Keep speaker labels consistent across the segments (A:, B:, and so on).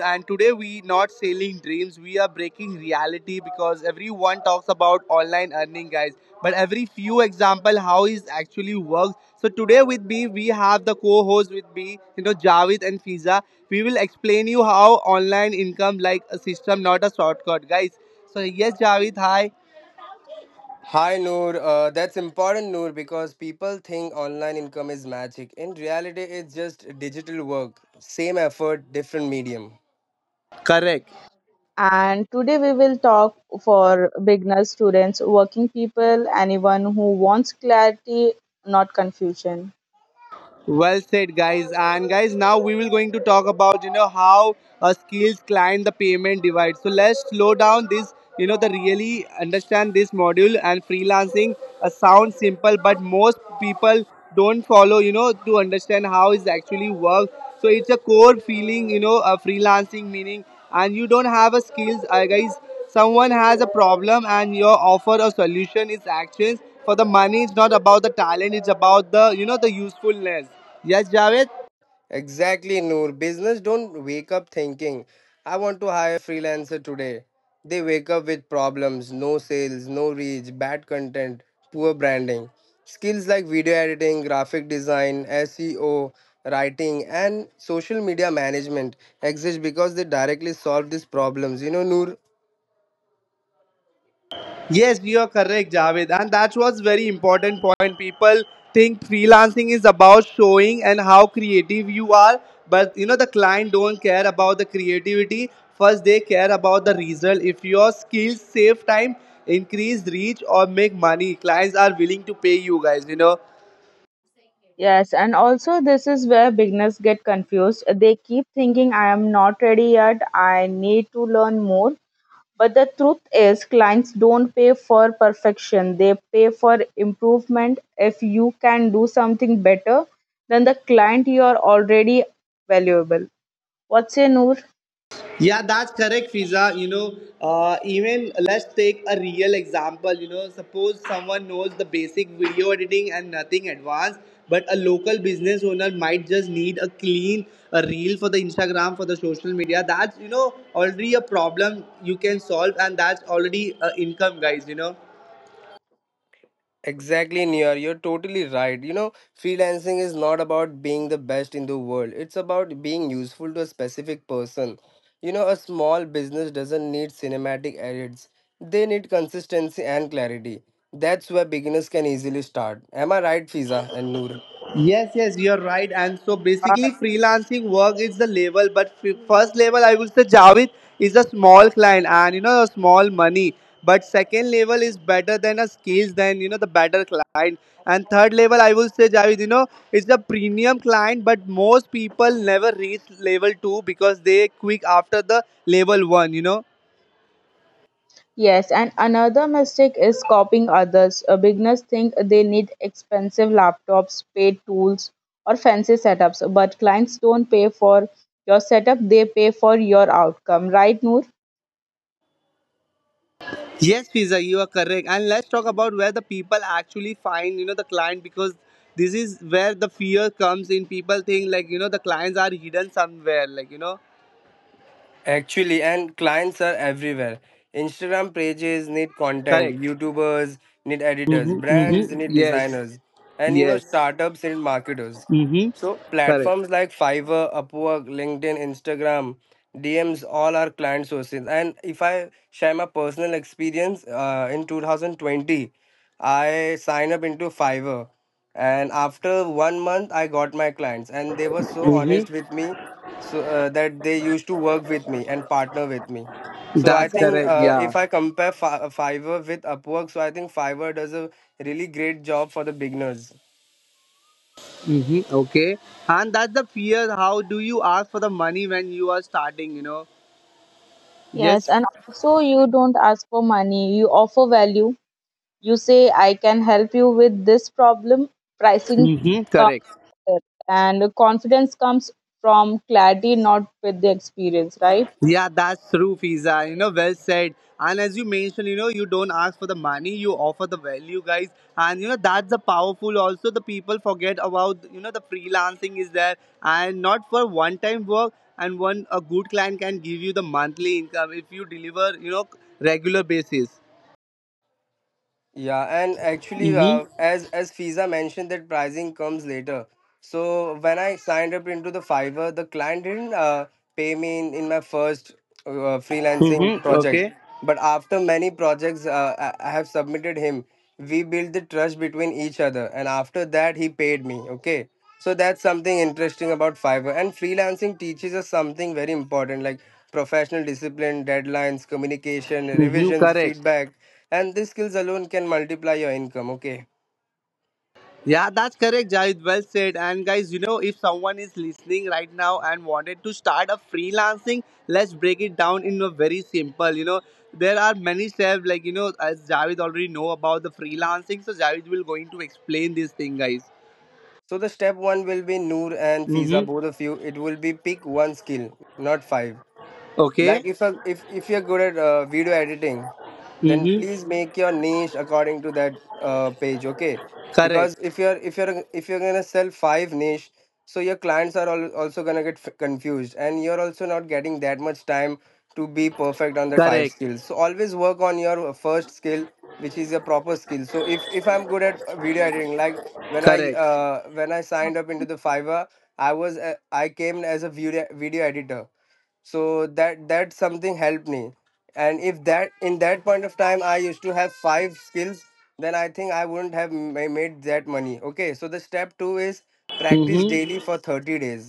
A: And today we not selling dreams. We are breaking reality because everyone talks about online earning, guys. But every few example how it actually works. So today with me we have the co-host with me, Javed and Fiza. We will explain you how online income like a system, not a shortcut, guys. So yes, Javed, hi.
B: Hi Noor, that's important, Noor, because people think online income is magic. In reality, it's just digital work, same effort, different medium.
A: Correct.
C: And today we will talk for beginners, students, working people, anyone who wants clarity, not confusion.
A: Well said, guys. And guys, now we will going to talk about how a skills client the payment divide. So let's slow down this. The really understand this module and freelancing sounds simple, but most people don't follow. To understand how it actually works. So it's a core feeling. A freelancing meaning, and you don't have a skills, guys. Someone has a problem and your offer a solution is actions. For the money, it's not about the talent, it's about the you know the usefulness. Yes, Javed?
B: Exactly, Noor, business don't wake up thinking, I want to hire freelancer today. They wake up with problems, no sales, no reach, bad content, poor branding. Skills like video editing, graphic design, SEO, writing and social media management exist because they directly solve these problems. Noor,
A: Yes, you are correct, Javed. And that was very important point. People think freelancing is about showing and how creative you are, but the client don't care about the creativity. First, they care about the result. If your skills save time, increase reach, or make money, clients are willing to pay you guys.
C: Yes, and also this is where beginners get confused. They keep thinking, I am not ready yet, I need to learn more. But the truth is, clients don't pay for perfection, they pay for improvement. If you can do something better than the client, you are already valuable. What's your Noor?
A: Yeah, that's correct, Fiza. Even let's take a real example. Suppose someone knows the basic video editing and nothing advanced, but a local business owner might just need a clean a reel for the Instagram for the social media. That's already a problem you can solve, and that's already income, guys.
B: exactly, Niyar. You're totally right. Freelancing is not about being the best in the world. It's about being useful to a specific person. A small business doesn't need cinematic edits. They need consistency and clarity. That's where beginners can easily start. Am I right, Fiza and Noor?
A: Yes, yes, you're right. And so basically, freelancing work is the level, but first level I would say Javed is a small client and a small money. But second level is better than a skills than the better client. And third level I will say Javed, it's a premium client, but most people never reach level two because they quit after the level one.
C: Yes, and another mistake is copying others. Beginners think they need expensive laptops, paid tools, or fancy setups, but clients don't pay for your setup, they pay for your outcome, right, Noor?
A: Yes, Fiza, you are correct. And let's talk about where the people actually find, the client because this is where the fear comes in. People think like, the clients are hidden somewhere, like,
B: Actually, and clients are everywhere. Instagram pages need content,
A: correct.
B: YouTubers need editors,
A: Mm-hmm,
B: brands
A: mm-hmm.
B: need
A: Yes,
B: designers, and
A: yes.
B: startups need marketers.
A: Mm-hmm.
B: So,
A: Correct.
B: platforms like Fiverr, Upwork, LinkedIn, Instagram, DMs, all are client sources. And if I share my personal experience, in 2020, I signed up into Fiverr. And after 1 month, I got my clients, and they were so
A: Mm-hmm.
B: honest with me, so that they used to work with me and partner with me. So I
A: That's
C: That's
B: think,
A: correct.
C: it.
A: Yeah.
B: if I compare Fiverr with Upwork, so I think Fiverr does a really great job for the beginners.
A: Mm-hmm. Okay. And that's the fear. How do you ask for the money when you are starting, you know?
C: Yes,
A: Yes.
C: and also you don't ask for money, you offer value. You say, I can help you with this problem. Pricing
A: Mm-hmm.
C: comes
A: Correct.
C: there, and confidence comes from clarity, not with the experience, right?
A: Yeah, that's true, Fiza. Well said. And as you mentioned, you don't ask for the money, you offer the value, guys. And that's the powerful. Also, the people forget about the freelancing is there, and not for one-time work. And one a good client can give you the monthly income if you deliver, regular basis.
B: Yeah, and actually,
A: Mm-hmm.
B: as Fiza mentioned, that pricing comes later. So when I signed up into the Fiverr, the client didn't pay me in my first freelancing
A: Mm-hmm.
B: project,
A: Okay.
B: but after many projects I have submitted him, we built the trust between each other, and after that he paid me. Okay, so that's something interesting about Fiverr, and freelancing teaches us something very important, like professional discipline, deadlines, communication,
A: Mm-hmm.
B: revisions,
A: Correct.
B: feedback, and these skills alone can multiply your income. Okay,
A: Yeah, that's correct, Jahid. Well said. And guys, if someone is listening right now and wanted to start a freelancing, let's break it down in a very simple. There are many steps. Like as Javed already know about the freelancing, so Javed will going to explain this thing, guys.
B: so the step one will be, Noor and Fiza,
A: Mm-hmm.
B: both of you, it will be pick one skill, not five. Like
A: Okay.
B: if a, if if you're good at video editing, then
A: Mm-hmm.
B: please make your niche according to that page. Okay, because
A: Correct.
B: if you're gonna sell five niche, so your clients are also gonna get confused, and you're also not getting that much time to be perfect on that five
A: Correct.
B: skills. So always work on your first skill, which is your proper skill. So if I'm good at video editing, like
A: Correct.
B: when I signed up into the Fiverr, I came as a video editor, so that something helped me. And if that in that point of time I used to have five skills, then I think I wouldn't have made that money. Okay, so the step 2 is practice
A: Mm-hmm.
B: daily for 30 days.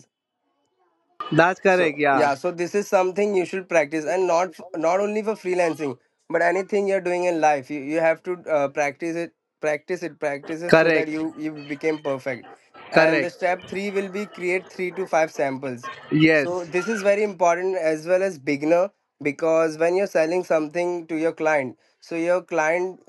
A: That's
B: So
A: correct. Yeah.
B: yeah, so this is something you should practice, and not only for freelancing, but anything you're doing in life, you have to practice it, practice it, practice it, so that
A: Correct.
B: you became perfect. And the
A: Correct.
B: step three will be create three to five samples. So
A: Yes.
B: this is very important as well as beginner, because when you're selling something to your client, so your client,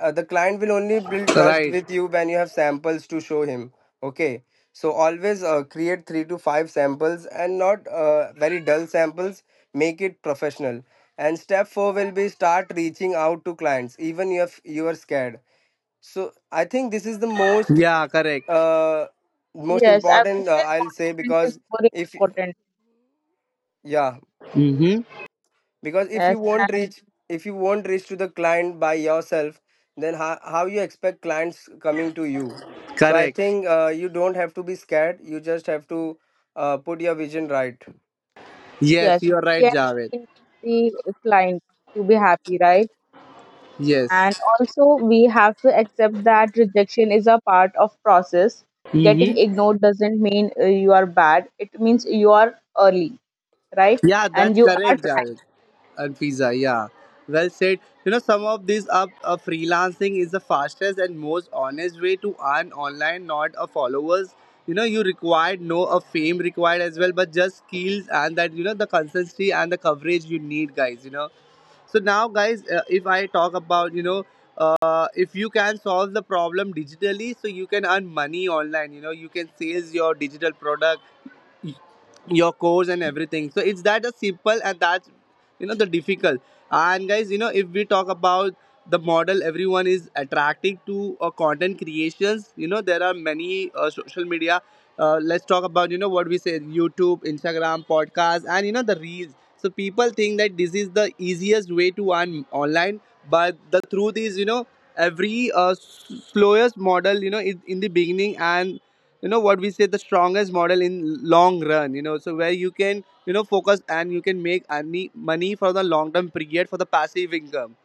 B: the client will only build trust
A: Right.
B: with you when you have samples to show him. Okay. So always create three to five samples, and not very dull samples. Make it professional. And step four will be start reaching out to clients, even if you are scared. So I think this is the
A: Yeah. Correct.
B: uh, most
C: Yes, I would
B: important,
C: say
B: I'll say,
C: confidence is
B: because
C: more
B: if
C: important.
B: yeah,
A: Mm-hmm.
B: because if you
C: Yes,
B: won't
C: and
B: reach, to the client by yourself, then how you expect clients coming to you. So I
A: Correct.
B: think, you don't have to be scared, you just have to put your vision right.
A: Yes,
C: yes,
A: you are right,
C: yeah,
A: Javed.
C: the client to be happy, right? And
A: Yes.
C: also, we have to accept that rejection is a part of process. Getting
A: Mm-hmm.
C: ignored doesn't mean you are bad. It means you are early, right?
A: Yeah,
C: And
A: that's
C: you are
A: correct, Javed and Pizza. Yeah, well said. Some of these up freelancing is the fastest and most honest way to earn online, not a followers. You required no a fame required as well, but just skills and that the consistency and the coverage you need, guys. So now, guys, if I talk about, if you can solve the problem digitally, so you can earn money online. You can sales your digital product, y- your course and everything, so it's that a simple. And that's the difficult. And guys, if we talk about the model, everyone is attracting to content creations. There are many social media. Let's talk about what we say YouTube, Instagram, podcast and the reels. So people think that this is the easiest way to earn online, but the truth is every slowest model in the beginning. And what we say the strongest model in long run, so where you can focus and you can make any money for the long term period for the passive income.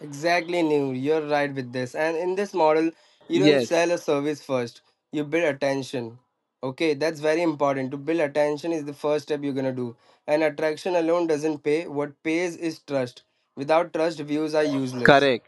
B: Exactly, new, you're right with this. And in this model you don't
A: Yes,
B: sell a service first, you build attention. Okay, that's very important. To build attention is the first step you're going to do. And attraction alone doesn't pay. What pays is trust. Without trust, views are useless.
A: correct.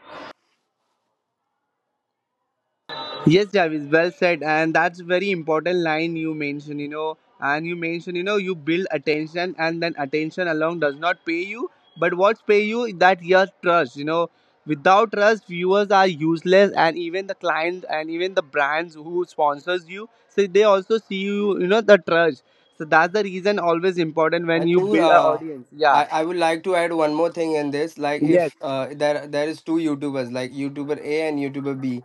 A: Yes, Javis, well said. And that's very important line you mentioned. And you mentioned, you build attention and then attention alone does not pay you. But what pay you is that your trust. Without trust, viewers are useless and even the clients and even the brands who sponsors you, so they also see you, the trust. So that's the reason always important when
B: And
A: you
B: Noor,
A: build an audience. Yeah.
B: I would like to add one more thing in this. Like
A: Yes.
B: if there is two YouTubers, like YouTuber A and YouTuber B.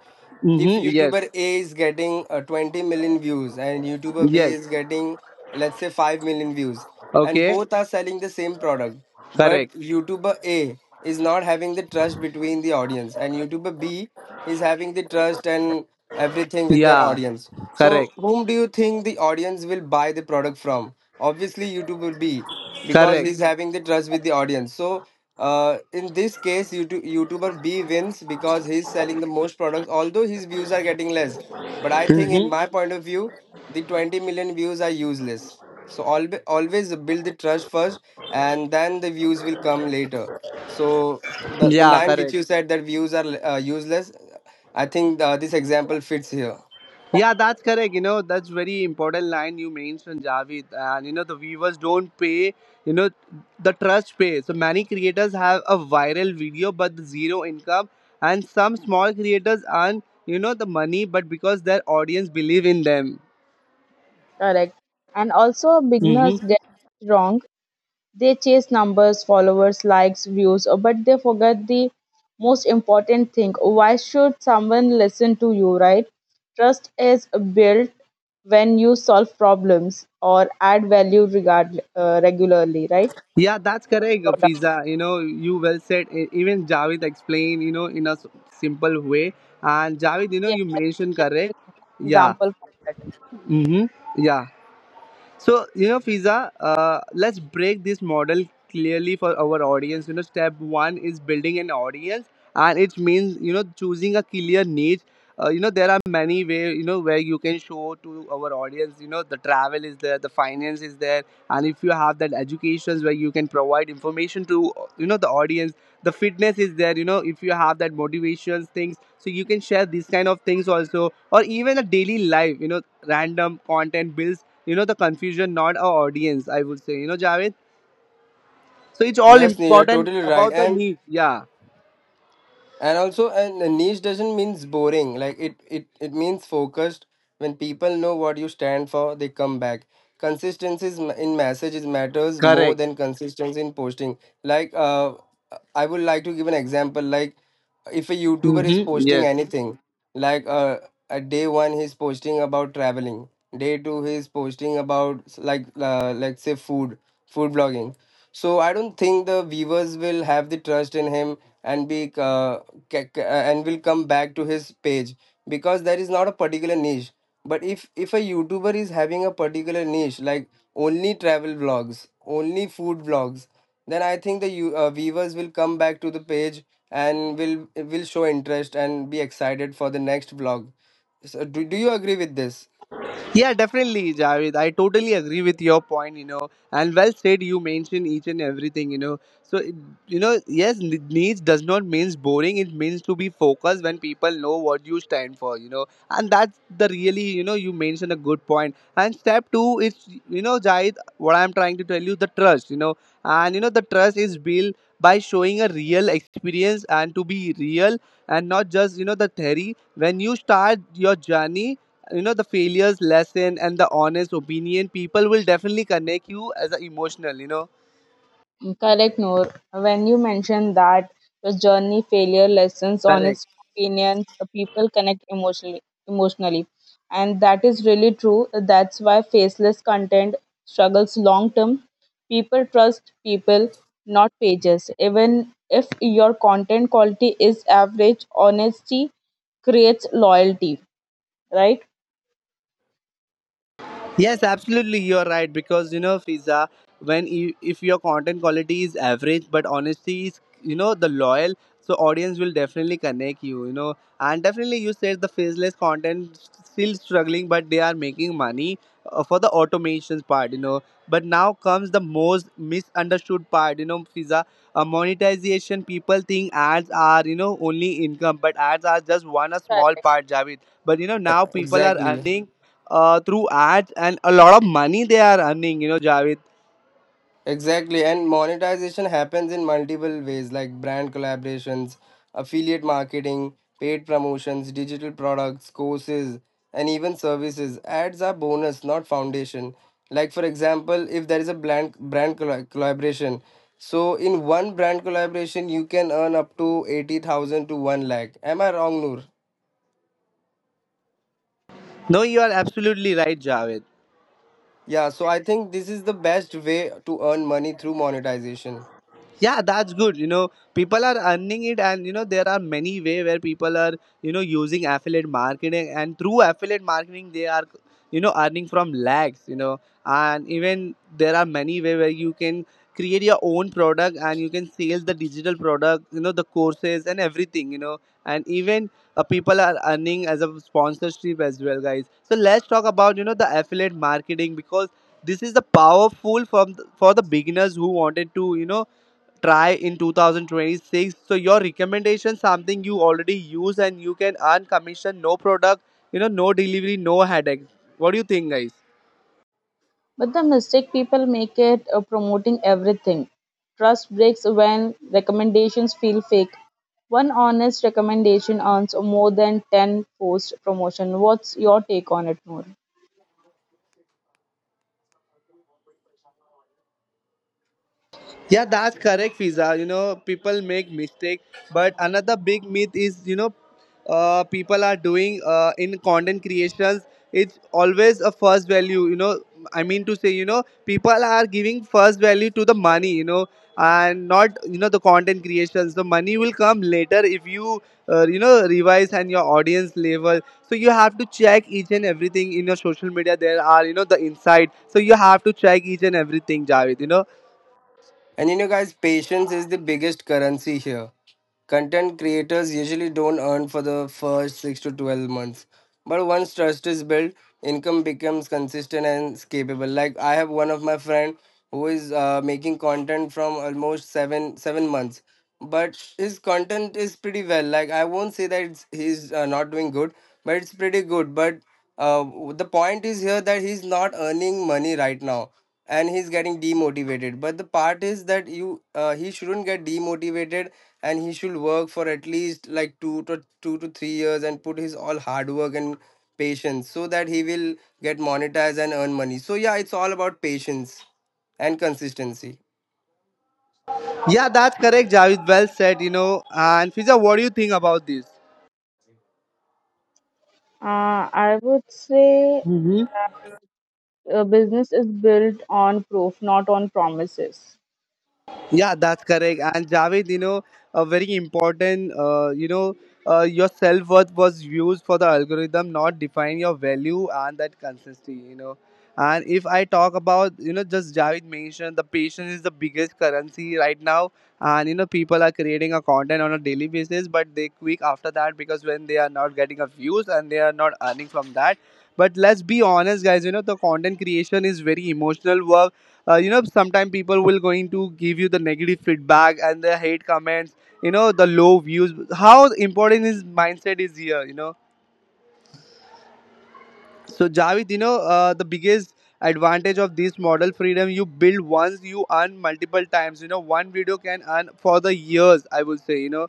B: If
A: Mm-hmm. Yes.
B: YouTuber A is getting 20 million views, and YouTuber B
A: Yes.
B: is getting, let's say, 5 million views, and
A: Okay.
B: both are selling the same product, but
A: Correct.
B: YouTuber A is not having the trust between the audience, and YouTuber B is having the trust and everything with their
A: Yeah.
B: audience. So,
A: Correct.
B: whom do you think the audience will buy the product from? Obviously, YouTube will be, because
A: Correct.
B: he's having the trust with the audience. So, in this case, YouTuber B wins because he's selling the most products, although his views are getting less. But I think, in
A: Hmm.
B: my point of view, the 20 million views are useless. So, always, always build the trust first, and then the views will come later. So the
A: Yeah,
B: line which
A: correct.
B: you said, that views are useless, I think this example fits here.
A: Yeah, that's correct. That's very important line you mentioned, Javid. And the viewers don't pay. You know, the trust pay. So many creators have a viral video, but zero income, and some small creators earn the money, but because their audience believe in them.
C: trying, correct. And also, beginners
A: Mm-hmm.
C: get it wrong. They chase numbers, followers, likes, views, but they forget the most important thing. Why should someone listen to you, right? Trust is built when you solve problems or add value regularly, right?
A: Yeah, that's correct,
C: Product.
A: Fiza. You well said. Even Javid explained, in a simple way. And Javid,
C: Yeah,
A: you
C: that's
A: mentioned
C: just
A: correct.
C: an
A: Yeah.
C: example for that.
A: Mm-hmm. Yeah. So, Fiza, let's break this model clearly for our audience. Step one is building an audience, and it means, choosing a clear niche. There are many ways, where you can show to our audience. The travel is there, the finance is there, and if you have that educations where you can provide information to, the audience, the fitness is there, if you have that motivations things, so you can share these kind of things also, or even a daily life, random content builds the confusion not our audience. I would say Javed, so it's all
B: Yes, Neha, you're
A: important
B: totally right.
A: about the
B: And
A: need. Yeah,
B: and also, and a niche doesn't means boring, like it means focused. When people know what you stand for, they come back. Consistency in messages matters more
A: correct.
B: than consistency in posting. Like, I would like to give an example. Like if a YouTuber is
A: Mm-hmm.
B: posting
A: Yes.
B: anything, like at day one he's posting about traveling, day two he's posting about, like, like say food blogging, so I don't think the viewers will have the trust in him, and be and will come back to his page, because there is not a particular niche. But if a YouTuber is having a particular niche, like only travel vlogs, only food vlogs, then I think the you viewers will come back to the page and will show interest and be excited for the next vlog. So do you agree with this?
A: Yeah, definitely, Javed. I totally agree with your point, and well said. You mentioned each and everything. So, yes, needs does not means boring. It means to be focused when people know what you stand for. And that's the really, you mentioned a good point. And step two is, Javed, what I'm trying to tell you, the trust, and the trust is built by showing a real experience and to be real and not just, the theory. When you start your journey the failures lesson and the honest opinion, people will definitely connect you as a emotional
C: Correct, Noor. When you mentioned that the journey failure lessons,
A: correct.
C: honest opinions, people connect emotionally, and that is really true. That's why faceless content struggles long term. People trust people, not pages. Even if your content quality is average, honesty creates loyalty. Right?
A: Yes, absolutely. You're right because Fiza, when if your content quality is average but honesty is, the loyal, so audience will definitely connect you. And definitely you said the faceless content still struggling, but they are making money for the automations part. But now comes the most misunderstood part. Fiza, monetization. People think ads are only income, but ads are just one a small part, Javid. But now people are
B: Exactly.
A: earning through ads and a lot of money they are earning, Javed.
B: Exactly, and monetization happens in multiple ways, like brand collaborations, affiliate marketing, paid promotions, digital products, courses, and even services. Ads are bonus, not foundation. Like for example, if there is a collaboration, so in one brand collaboration you can earn up to 80,000 to 1 lakh. Am I wrong, Noor?
A: No, you are absolutely right, Javed.
B: Yeah, so I think this is the best way to earn money through monetization.
A: Yeah, that's good. People are earning it, and there are many way where people are using affiliate marketing, and through affiliate marketing they are earning from lags, and even there are many way where you can create your own product and you can sell the digital product, the courses and everything, and even people are earning as a sponsorship as well, guys. So let's talk about the affiliate marketing, because this is the powerful from for the beginners who wanted to try in 2026. So your recommendation something you already use and you can earn commission, no product, no delivery, no headache. What do you think, guys?
C: But the mistake people make it promoting everything. Trust breaks when recommendations feel fake. One honest recommendation earns more than 10 forced promotion. What's your take on it, Noor?
A: Yeah, that's correct, Fiza. People make mistake, but another big myth is people are doing in content creations. It's always a first value. I mean to say, people are giving first value to the money. And not the content creations. The money will come later if you you know revise and your audience level. So you have to check each and everything in your social media. There are the insight. So you have to check each and everything, Javed.
B: And guys, patience is the biggest currency here. Content creators usually don't earn for the first 6 to 12 months. But once trust is built, income becomes consistent and scalable. Like I have one of my friend who is making content from almost 7 months. But his content is pretty well. Like I won't say that he's not doing good, but it's pretty good. But uh, the point is here that he's not earning money right now, and he's getting demotivated. But the part is that you he shouldn't get demotivated, and he should work for at least like 2 to 3 years, and put his all hard work and patience, so that he will get monetized and earn money. So yeah, it's all about patience and consistency.
A: Yeah, that's correct. Javed, well said. And Fiza, what do you think about this?
C: I would say
A: hmm
C: that a business is built on proof, not on promises.
A: Yeah, that's correct. And Javed, a very important, your self worth was used for the algorithm, not define your value and that consistency. And if I talk about, just Javed mentioned, the patience is the biggest currency right now. And people are creating a content on a daily basis, but they quit after that, because when they are not getting a views and they are not earning from that. But let's be honest, guys, the content creation is very emotional work. Sometimes people will going to give you the negative feedback and the hate comments, the low views. How important is mindset is here, so Javed, the biggest advantage of this model freedom. You build once, you earn multiple times, one video can earn for the years, I would say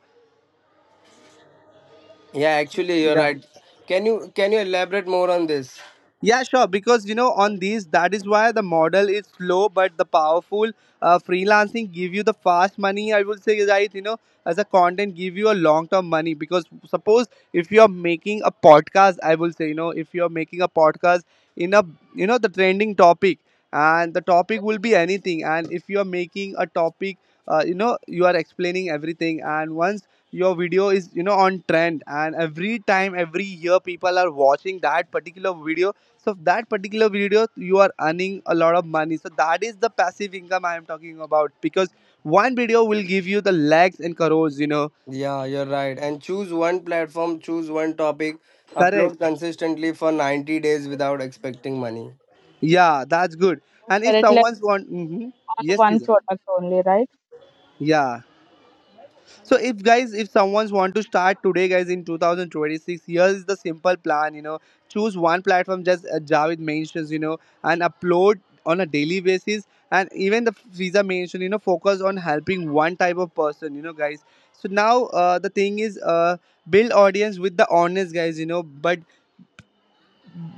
B: Yeah, actually, you're
A: yeah
B: right. Can you elaborate more on this?
A: Yeah, sure. Because on these, that is why the model is slow but the powerful. Freelancing give you the fast money, I would say, right? As a content, give you a long term money. Because suppose if you are making a podcast, I will say, if you are making a podcast in a the trending topic, and the topic will be anything. And if you are making a topic, you are explaining everything, and once your video is on trend, and every time every year people are watching that particular video, so that particular video you are earning a lot of money. So that is the passive income I am talking about, because one video will give you the lakhs and crores,
B: Yeah, you're right. And choose one platform, choose one topic, upload
A: correct.
B: consistently for 90 days without expecting money.
A: Yeah, that's good. And if
C: Correct, like
A: someone's want. Mhm.
C: on
A: Yes,
C: one
A: please.
C: product only, right?
A: Yeah. So if, guys, if someone's want to start today, guys, in 2026, here is the simple plan. Choose one platform, just Javid mentions, and upload on a daily basis. And even the Visa mentioned, focus on helping one type of person, guys. So now the thing is, build audience with the honest, guys, but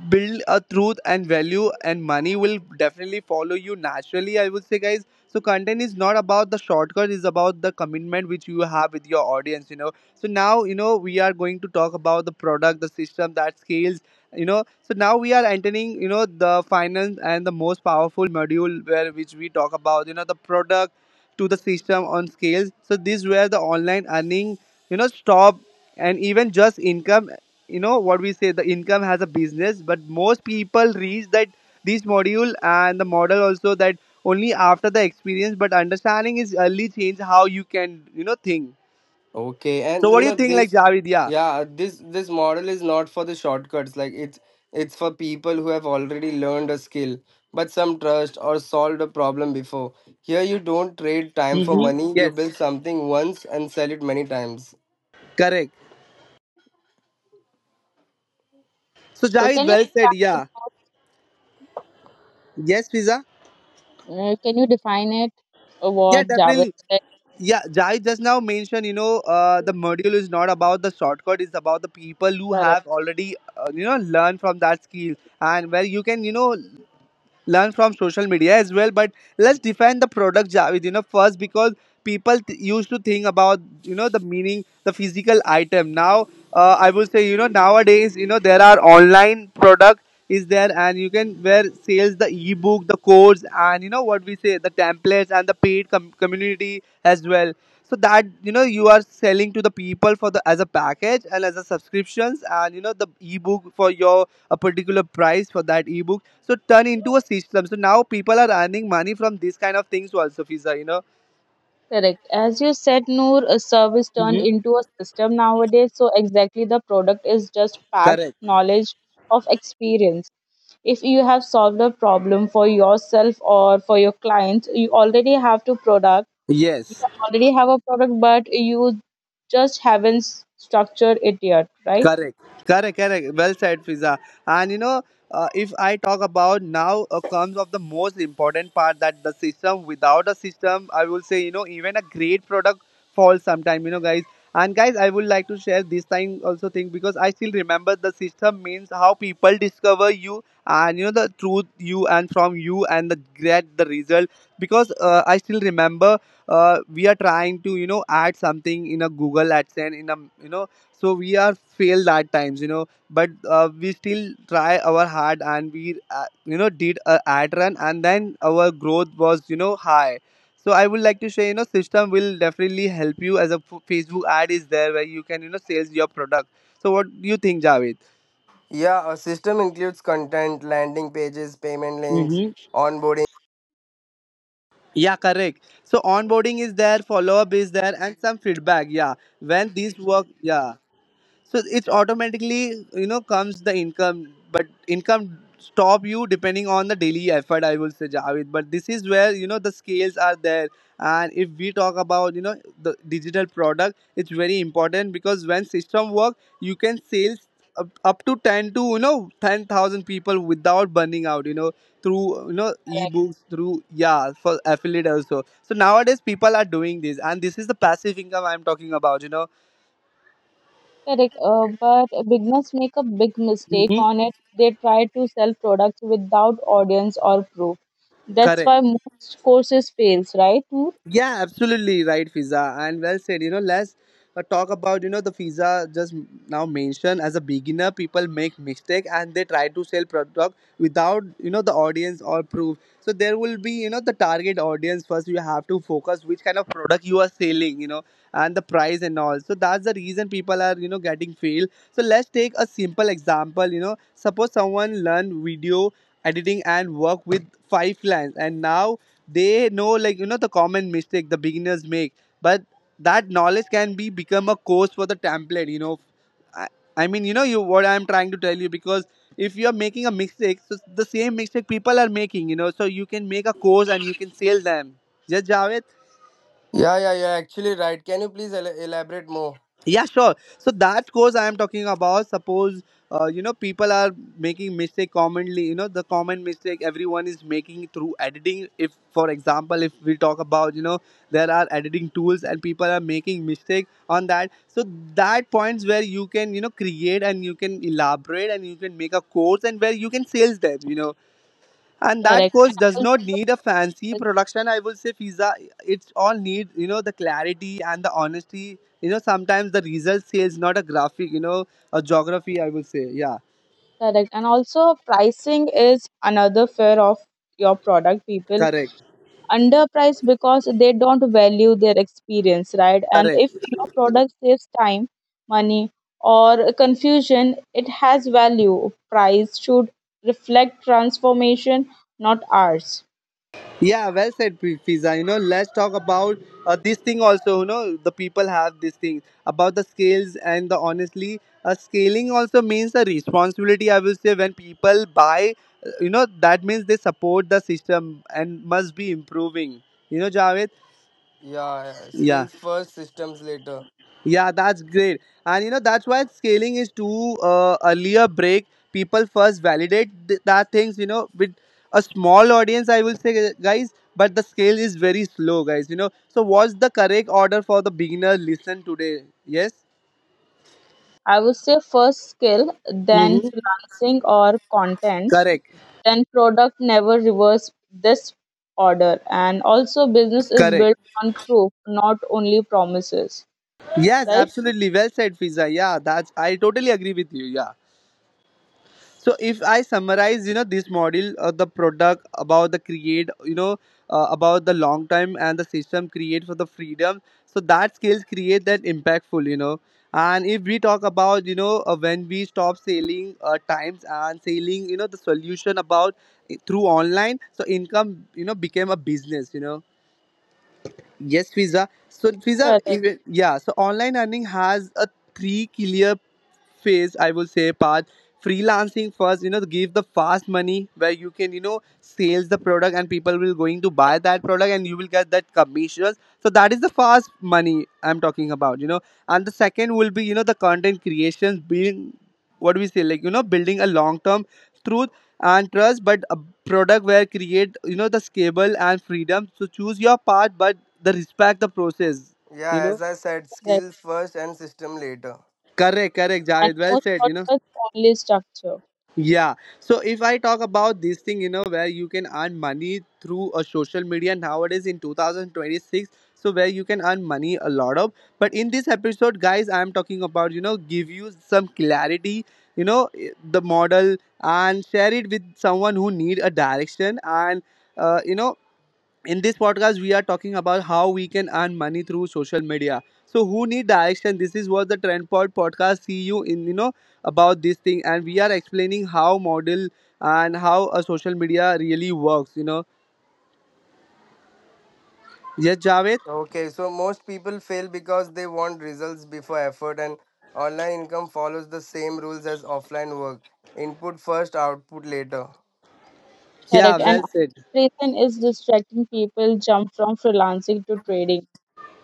A: build a truth and value, and money will definitely follow you naturally, I would say, guys. So content is not about the shortcut, it's about the commitment which you have with your audience, so now we are going to talk about the product, the system that scales, so now we are entering, the finance and the most powerful module, where which we talk about, the product to the system on scales. So these were the online earning, stop and even just income. You know what we say, the income has a business, but most people reach that this module and the model also that only after the experience. But understanding is early change how you can think.
B: Okay,
A: So
B: and
A: what
B: you
A: do you
B: know
A: think, like
B: this.
A: Javid? Yeah.
B: Yeah, this model is not for the shortcuts. Like it's for people who have already learned a skill, but some trust or solved a problem before. Here, you don't trade time for
A: Mm-hmm.
B: money. You
A: Yes.
B: build something once and sell it many times.
A: Correct. So
C: So
A: Javid,
C: can you
A: well said.
C: define
A: Yeah.
C: it?
A: Yes, Pizza.
C: Uh, can you define it?
A: Yeah,
C: What Javed
A: definitely.
C: said?
A: Yeah, Jai just now mentioned, the module is not about the shortcut, it's about the people who
C: Correct.
A: have already learned from that skill, and where you can learn from social media as well. But let's define the product, Javed, first, because people used to think about, the meaning, the physical item. Now I would say, nowadays, there are online product is there, and you can where sales the ebook, the course, and you know what we say, the templates and the paid community as well. So that you are selling to the people for the as a package and as a subscriptions, and the ebook for your a particular price for that ebook. So turn into a system, so now people are earning money from these kind of things also, Visa,
C: Correct. As you said, Noor, a service turned
A: hmm
C: into a system nowadays. So exactly the product is just packed
A: correct,
C: knowledge of experience. If you have solved a problem for yourself or for your clients, you already have to product. You
A: yes.
C: already have a product, but you just haven't structured it yet, right?
A: Correct, correct, correct. Well said, Fiza. And if I talk about now comes of the most important part that the system. Without a system, I will say, even a great product falls sometime. Guys. And guys, I would like to share this time also thing, because I still remember the system means how people discover you, and the truth you and from you and the get the result. Because I still remember, we are trying to add something in a Google AdSense, in a so we are failed at times, but we still try our hard, and we did a ad run, and then our growth was high. So I would like to share, system will definitely help you, as a Facebook ad is there where you can sales your product. So what do you think, Javed?
B: Yeah, a system includes content, landing pages, payment links,
A: Mm-hmm.
B: onboarding.
A: Yeah, correct. So onboarding is there, follow up is there, and some feedback. Yeah, when these work, yeah, so it automatically comes the income. But income stop you depending on the daily effort, I will say, Javed. But this is where, the scales are there. And if we talk about, the digital product, it's very important, because when system work, you can sales up to 10 to 10,000 people without burning out, through ebooks, through, yeah, for affiliate also. So nowadays people are doing this, and this is the passive income I'm talking about.
C: Correct, but beginners make a big mistake
A: Mhm.
C: on it. They try to sell products without audience or proof. That's
A: Correct.
C: why most courses fails, right? Noor?
A: Yeah, absolutely right, Fiza, and well said. Let's talk about, the Fiza just now mentioned, as a beginner, people make mistake and they try to sell product without, the audience or proof. So there will be, the target audience first. You have to focus which kind of product you are selling, and the price and all. So that's the reason people are getting failed. So let's take a simple example. Suppose someone learn video editing and work with five clients, and now they know like the common mistake the beginners make, but that knowledge can be become a course for the template, i, I mean, you what I'm trying to tell you. Because if you are making a mistake, so the same mistake people are making, so you can make a course and you can sell them. Yes, Javed.
B: Yeah, yeah, yeah. Actually, right. Can you please elaborate more?
A: Yeah, sure. So that course I am talking about. Suppose people are making mistake commonly, the common mistake everyone is making through editing. If, for example, if we talk about, there are editing tools and people are making mistake on that. So that points where you can, create, and you can elaborate, and you can make a course, and where you can sales them, and that
C: Correct.
A: course does
C: Al-
A: not need a fancy production, I will say, Fiza. It's all need, the clarity and the honesty, sometimes the result says not a graphic, a geography, I will say. Yeah,
C: Correct. And also pricing is another fear of your product. People
A: correct,
C: underpriced because they don't value their experience, right? And
A: correct.
C: if your product saves time, money, or confusion, it has value. Price should reflect transformation, not ours.
A: Yeah, well said, Fiza. Let's talk about this thing also. The people have this thing about the scales, and the honestly, scaling also means a responsibility, I will say. When people buy, that means they support the system and must be improving. Javed.
B: Yeah, yeah,
A: Yeah.
B: skills first, systems later.
A: Yeah, that's great. And that's why scaling is too earlier break. People first validate that things, with a small audience, I will say, guys, but the scale is very slow, guys. So, what's the correct order for the beginner listen today? Yes?
C: I would say first skill, then
A: Mm-hmm.
C: freelancing or content,
A: Correct.
C: then product never reverse this order. And also, business is
A: Correct.
C: built on proof, not only promises,
A: Yes,
C: right?
A: absolutely. Well said, Fiza. Yeah, that's, I totally agree with you. Yeah. So if I summarize, this model, the product about the create, about the long time, and the system create for the freedom. So that skills create that impactful, and if we talk about, when we stop selling times and selling, the solution about through online, so income, became a business, Yes, Fiza. So Fiza,
C: Correct,
A: yeah. So online earning has a three clear phase, I will say, path. Freelancing first, you know, to give the fast money where you can, you know, sales the product and people will going to buy that product and you will get that commissions. So that is the fast money I'm talking about, you know. And the second will be, you know, the content creations being what do we say, like you know, building a long term through and trust but a product where create you know the scalable and freedom. So choose your path but the respect the process, you
B: Yeah,
A: know.
B: as I said,
C: correct.
B: skills first and system later.
A: Correct, correct,
C: And
A: Jared, well
C: most
A: said, you know.
C: podcasts only structure.
A: Yeah. So if I talk about this thing, you know, where you can earn money through a social media nowadays in 2026, so where you can earn money a lot of, but in this episode, guys, I am talking about, you know, give you some clarity, you know, the model and share it with someone who need a direction. And you know, in this podcast we are talking about how we can earn money through social media. So who need direction, this is what the Trendpod podcast see you in, you know, about this thing. And we are explaining how model and how a social media really works, you know. Yes, Javed,
B: Okay, so most people fail because they want results before effort, and online income follows the same rules as offline work, input first, output later.
A: yeah,
C: Correct. And
A: well said.
C: reason is distracting people jump from freelancing to trading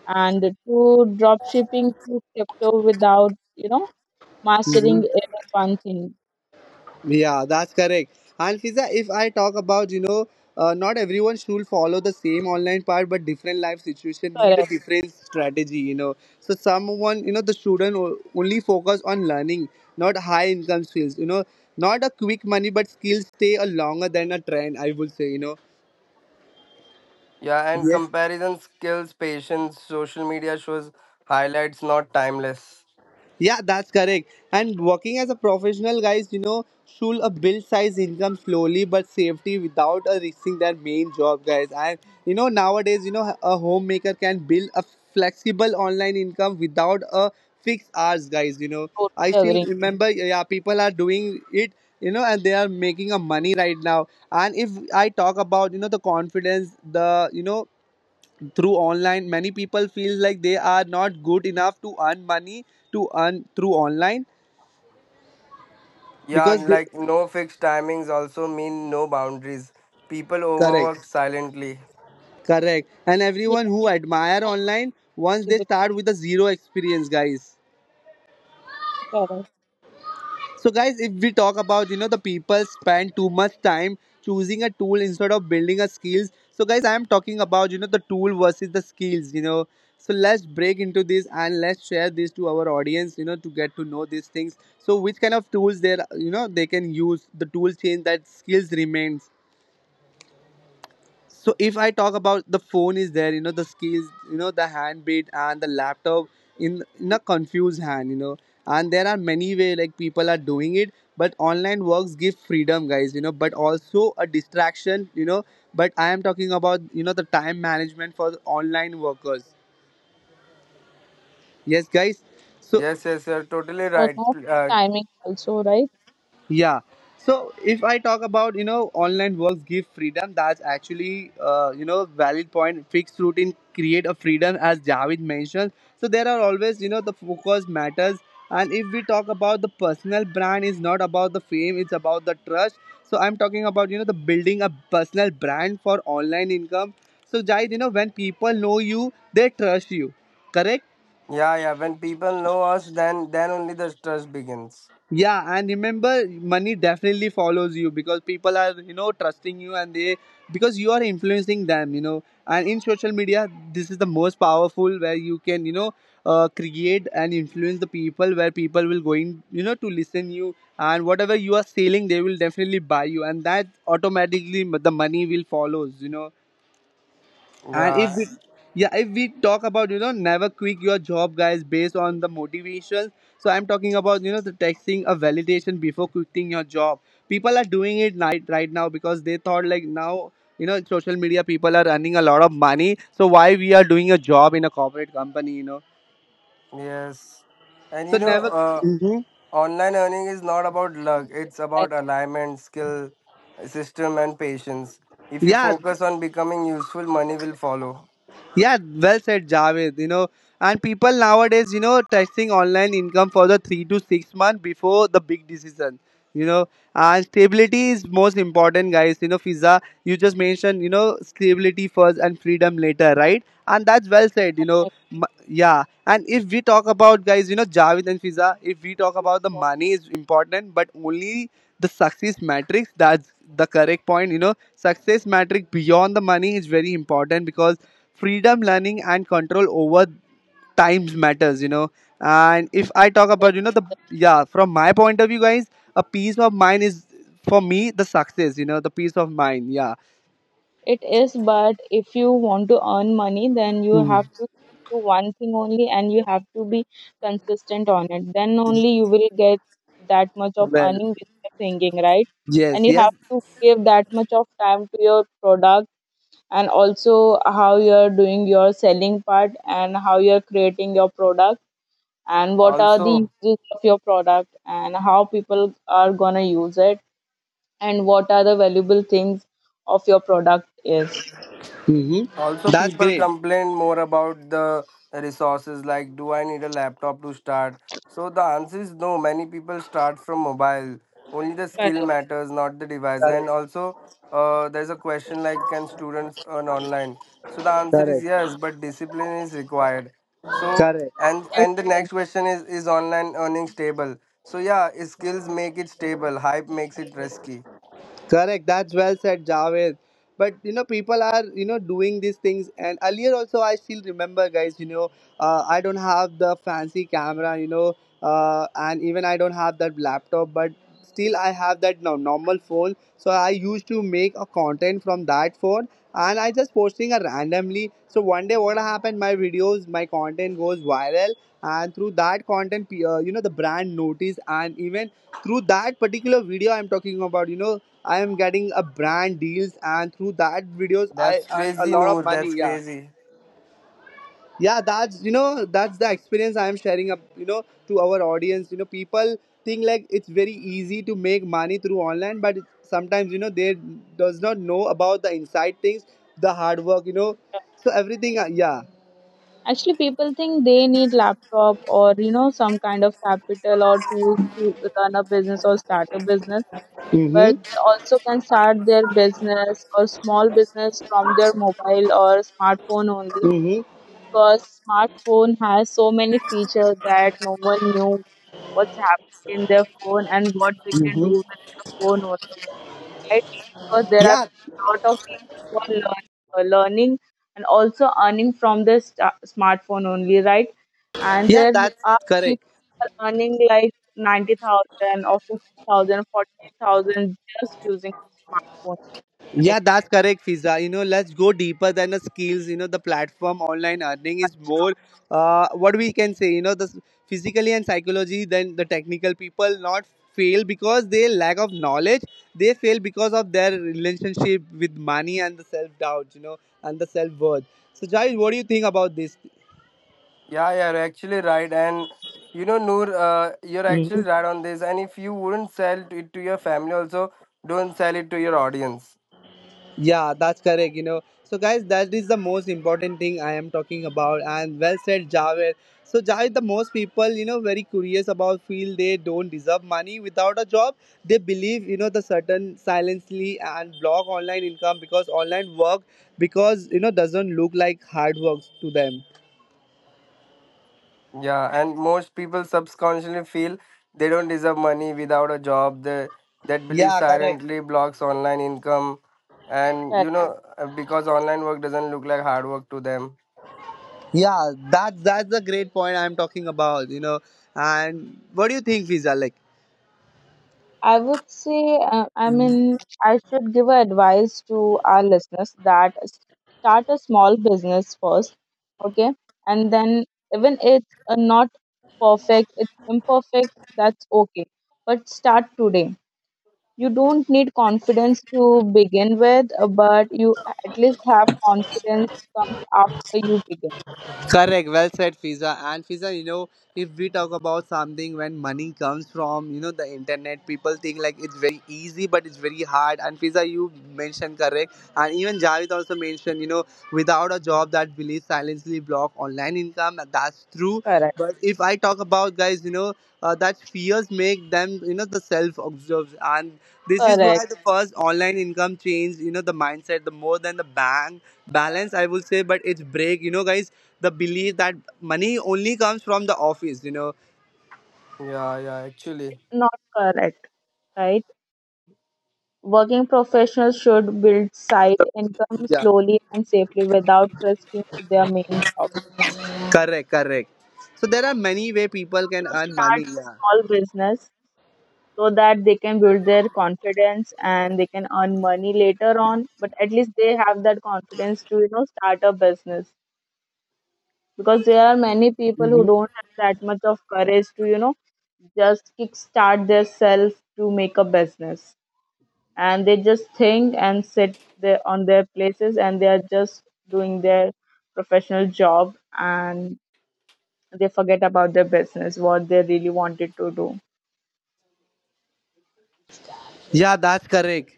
C: and to drop shipping to crypto without, you know, mastering
A: Mhm.
C: even one thing.
A: Yeah, that's correct. And Fiza, if I talk about, you know, not everyone should follow the same online part, but different life situation need a
C: Correct.
A: different strategy, you know. So someone, you know, the student only focus on learning, not high income skills, you know, not a quick money, but skills stay a longer than a trend, I would say, you know.
B: Yeah, and
A: Yes.
B: comparison skills, patience, social media shows highlights, not timeless.
A: Yeah, that's correct. And working as a professional, guys, you know, should a build size income slowly but safety without risking their main job, guys. And you know, nowadays, you know, a homemaker can build a flexible online income without a fixed hours, guys. You know, I still
C: Totally agree.
A: remember, yeah, people are doing it, you know, and they are making a money right now. And if I talk about, you know, the confidence, the you know, through online many people feel like they are not good enough to earn money to earn through online
B: Yeah,
A: because
B: and
A: they.
B: like no fixed timings also mean no boundaries. People
A: Correct,
B: overwork silently.
A: correct. And
C: Yeah,
A: everyone who admire
C: I
A: online once
C: agree
A: they
C: with you,
A: start with a zero experience, guys.
C: correct.
A: So, guys, if we talk about, you know, the people spend too much time choosing a tool instead of building a skills. So, guys, I am talking about, you know, the tool versus the skills, you know. So let's break into this and let's share this to our audience, you know, to get to know these things. So, which kind of tools there, you know, they can use the tools change that skills remains. So if I talk about the phone is there, you know, the skills, you know, the hand beat and the laptop in a confused hand, you know. And there are many way like people are doing it, but online works give freedom, guys, you know, but also a distraction, you know. But I am talking about, you know, the time management for the online workers. Yes, guys. So
B: Yes, yes, you're totally
C: So
B: right.
C: no timing also, right?
A: yeah. So if I talk about, you know, online works give freedom, that's actually you know, valid point. Fixed routine create a freedom as Javid mentioned. So there are always, you know, the focus matters. And if we talk about the personal brand, is not about the fame, it's about the trust. So I'm talking about, you know, the building a personal brand for online income. So Jaid, you know, when people know you, they trust you. Correct.
B: Yeah, yeah. When people know us, then only the trust begins.
A: Yeah, and remember, money definitely follows you because people are, you know, trusting you and they, because you are influencing them, you know. And in social media, this is the most powerful where you can, you know, create and influence the people where people will going, you know, to listen you and whatever you are selling, they will definitely buy you, and that automatically the money will follows, you know. And if
B: Yeah,
A: we, yeah, if we talk about, you know, never quit your job, guys, based on the motivation. So I'm talking about, you know, the texting a validation before quitting your job. People are doing it night right now because they thought like now, you know, social media people are earning a lot of money, so why we are doing a job in a corporate company, you know,
B: yes. And
A: so
B: you know,
A: never.
B: uh,
A: Mhm.
B: online earning is not about luck. It's
C: I,
B: about alignment, skill, system, and patience. If you
A: Yeah.
B: focus on becoming useful, money will follow.
A: Yeah, well said, Javed. You know, and people nowadays, you know, testing online income for the three to six months before the big decision. You know, and stability is most important, guys. You know, Fiza, you just mentioned, you know, stability first and freedom later, right? And that's well said, you know.
C: I
A: Yeah. And if we talk about, guys, you know, Javed and Fiza, if we talk about the money is important, but only the success matrix. That's the correct point. You know, success matrix beyond the money is very important because freedom learning and control over times matters, you know. And if I talk about, you know, the yeah, from my point of view, guys, a peace of mind is for me the success, you know, the peace of mind, yeah.
C: It is, but if you want to earn money, then you have
A: Mhm.
C: to do one thing only and you have to be consistent on it. Then only you will get that much of
A: Well,
C: earning with your singing, right?
A: yes,
C: And you
A: yes.
C: have to give that much of time to your product and also how you're doing your selling part and how you're creating your product and what are the
B: Also.
C: uses of your product and how people are gonna use it and what are the valuable things of your product is.
A: Hmm,
B: Also,
A: that's
B: people
A: great.
B: complain more about the resources, like, do I need a laptop to start? So the answer is no, many people start from mobile only, the
C: Correct.
B: skill matters, not the device. And
A: Correct,
B: also there's a question, like, can students earn online? So the answer is
A: correct,
B: yes, but discipline is required. So
A: correct.
B: and
C: Yes,
B: and the
C: it is.
B: next question is online earning stable? So yeah, skills make it stable, hype makes it risky.
A: Correct. That's well said, Javed. But you know, people are, you know, doing these things. And earlier also, I still remember, guys. You know, I don't have the fancy camera. You know, and even I don't have that laptop. But still, I have that normal phone. So I used to make a content from that phone, and I just posting a randomly. So one day, what happened? My videos, my content goes viral, and through that content, you know, the brand notice, and even through that particular video, I'm talking about. You know, I am getting a brand deals, and through that videos,
B: That's
A: I earn a
B: crazy,
A: lot of
B: Noor,
A: money.
B: that's
A: Yeah,
B: crazy.
A: yeah. That's, you know, that's the experience I am sharing up, you know, to our audience. You know, people think like it's very easy to make money through online, but sometimes you know they does not know about the inside things, the hard work, you know, so everything. Yeah.
C: Actually, people think they need laptop or you know some kind of capital or tools to run a business or start a business, but
A: Mhm.
C: they also can start their business or small business from their mobile or smartphone only
A: Mhm.
C: because smartphone has so many features that no one knew what's happening in their phone and what they can
A: Mhm.
C: do with their phone only, right? Because there are
A: Yeah.
C: a lot of people who are learning and also earning from the smartphone only, right? And
A: Yeah.
C: there
A: That's
C: are
A: correct.
C: people who are earning like 90,000 or 50,000, 40,000, just using smartphone,
A: Yeah, that's correct, Fiza. You know, let's go deeper than the skills. You know, the platform online earning is more what we can say, you know, the physically and psychology than the technical people not fail because they lack of knowledge. They fail because of their relationship with money and the self doubt, you know, and the self worth. So, Jai, what do you think about this?
B: Yeah, yeah, you're actually right. Noor, you're actually right on this. And if you wouldn't sell it to your family, also don't sell it to your audience.
A: Yeah, that's correct, you know. So guys, that is the most important thing I am talking about. And well said, Javed. So Javed, the most people, you know, very curious about feel they don't deserve money without a job. They believe, you know, the certain silently and block online income because online work because you know doesn't look like hard work to them.
B: Yeah, and most people subconsciously feel they don't deserve money without a job. That belief
A: Yeah, correct.
B: silently blocks online income. And
C: right?
B: you know, uh, because online work doesn't look like hard work to them.
A: Yeah, that's the great point I'm talking about, you know. And what do you think, Visa? Like.
C: I would say, I mean, I should give a advice to our listeners that start a small business first, okay? And then, even it's not perfect, it's imperfect, that's okay. But start today. You don't need confidence to begin with, but you at least have confidence comes after you begin.
A: Correct, well said, Fiza. And Fiza, you know, if we talk about something when money comes from, you know, the internet, people think like it's very easy, but it's very hard. And Fiza, you mentioned correct. And even Javed also mentioned, you know, without a job that will silently block online income. That's true.
C: Correct.
A: But if I talk about guys, you know, that fears make them, you know, the self observes. And this is
C: Correct.
A: why the first online income changed, you know, the mindset, the more than the bank balance I will say, but it's break, you know, guys, the belief that money only comes from the office, you know.
B: Yeah, yeah, actually.
C: Not correct, right? Working professionals should build side income
A: Yeah,
C: slowly and safely without risking their main job.
A: correct, correct. So there are many way people can
C: Should
A: earn money.
C: start a
A: Yeah.
C: small business so that they can build their confidence and they can earn money later on. But at least they have that confidence to you know start a business because there are many people who
A: Mhm.
C: don't have that much of courage to you know just kick start their self to make a business. And they just think and sit there on their places and they are just doing their professional job and they forget about their business what they really wanted to do.
A: Yeah, that's correct.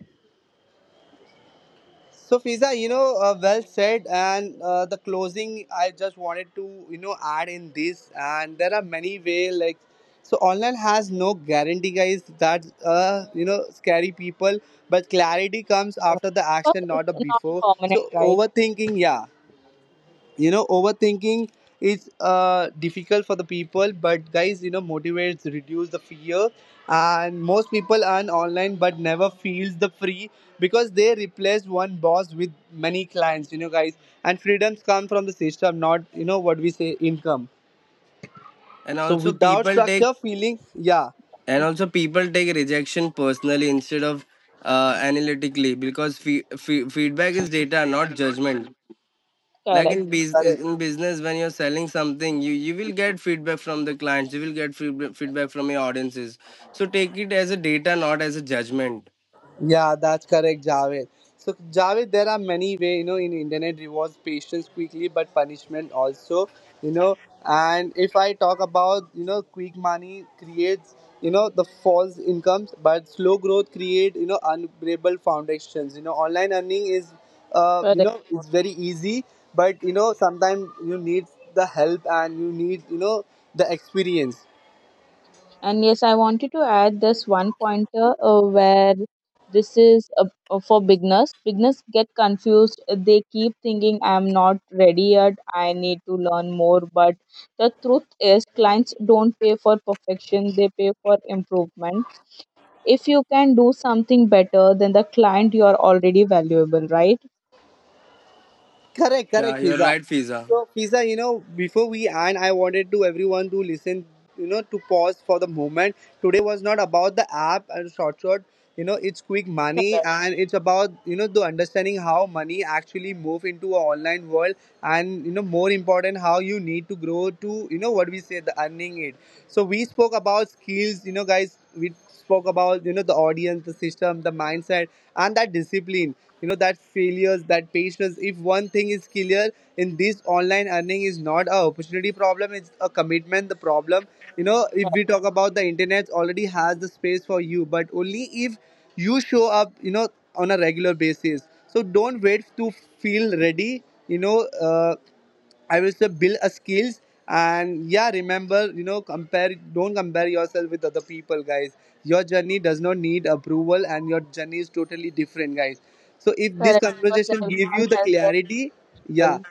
A: So Fiza, you know, well said. And the closing, I just wanted to, you know, add in this. And there are many way like, so online has no guarantee, guys. That you know, scary people. But clarity comes
C: Yes,
A: after the
C: because
A: action, not the
C: it's not
A: before.
C: permanent,
A: So
C: right?
A: overthinking, yeah, you know, overthinking is difficult for the people, but guys, you know, motivates reduce the fear and most people earn online but never feels the free because they replace one boss with many clients, you know, guys. And freedoms come from the system, not you know what we say income.
B: And
A: So
B: also,
A: without structure feeling, yeah,
B: people take rejection personally, instead of analytically, because feedback is data, not judgment. Like
C: Correct,
A: correct.
B: in business, when you're selling something, you will get feedback from the clients, you will get feedback from your audiences. So take it as a data, not as a judgment.
A: Yeah, that's correct, Javed. So, Javed, there are many way you know, in internet rewards patience quickly, but punishment also, you know. And if I talk about, you know, quick money creates, you know, the false incomes, but slow growth create, you know, unbreakable foundations. You know, online earning is, you
C: correct.
A: know, it's very easy, but you know, sometimes you need the help and you need, you know, the experience.
C: And yes, I wanted to add this one pointer where this is for beginners. Beginners get confused. They keep thinking, I'm not ready yet. I need to learn more. But the truth is, clients don't pay for perfection, they pay for improvement. If you can do something better than the client, you are already valuable, right?
A: Correct,
B: Yeah,
A: correct,
B: you're
A: Fiza.
B: right, Fiza.
A: So, Fiza, you know, before we end, I wanted to everyone to listen, you know, to pause for the moment. Today was not about the app and short. You know, it's quick money
C: Correct.
A: and it's about, you know, the understanding how money actually move into a online world and, you know, more important, how you need to grow to, you know, what we say, the earning it. So we spoke about skills, you know, guys. We spoke about, you know, the audience, the system, the mindset, and that discipline. You know, that failures, that patience. If one thing is clear in this online earning is not a opportunity problem; it's a commitment. The problem, you know, if we talk about the internet, already has the space for you, but only if you show up, you know, on a regular basis. So don't wait to feel ready. You know, I will say build a skills and yeah, remember, you know, compare don't compare yourself with other people, guys. Your journey does not need approval and your journey is totally different, guys. So if this
C: Correct. Because
A: conversation give
C: everyone
A: you the
C: has
A: clarity,
C: their
A: yeah.
C: level.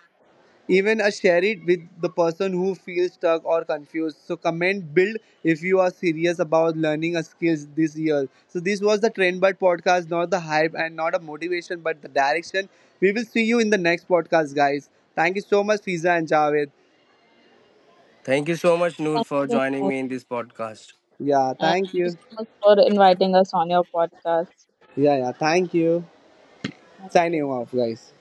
A: Even I share it with the person who feels stuck or confused. So comment build if you are serious about learning a skills this year. So this was the Trend But podcast, not the hype and not a motivation, but the direction. We will see you in the next podcast, guys. Thank you so much, Fiza and Javed.
B: Thank you so much, Noor,
C: Thank
B: for
C: you,
B: joining
C: Mohit,
B: me in this podcast.
A: Yeah,
C: and
A: thank
C: thank you so
A: you.
C: much for inviting us on your podcast.
A: Yeah, yeah, thank you.
C: Thank
A: Signing
C: you.
A: off, guys.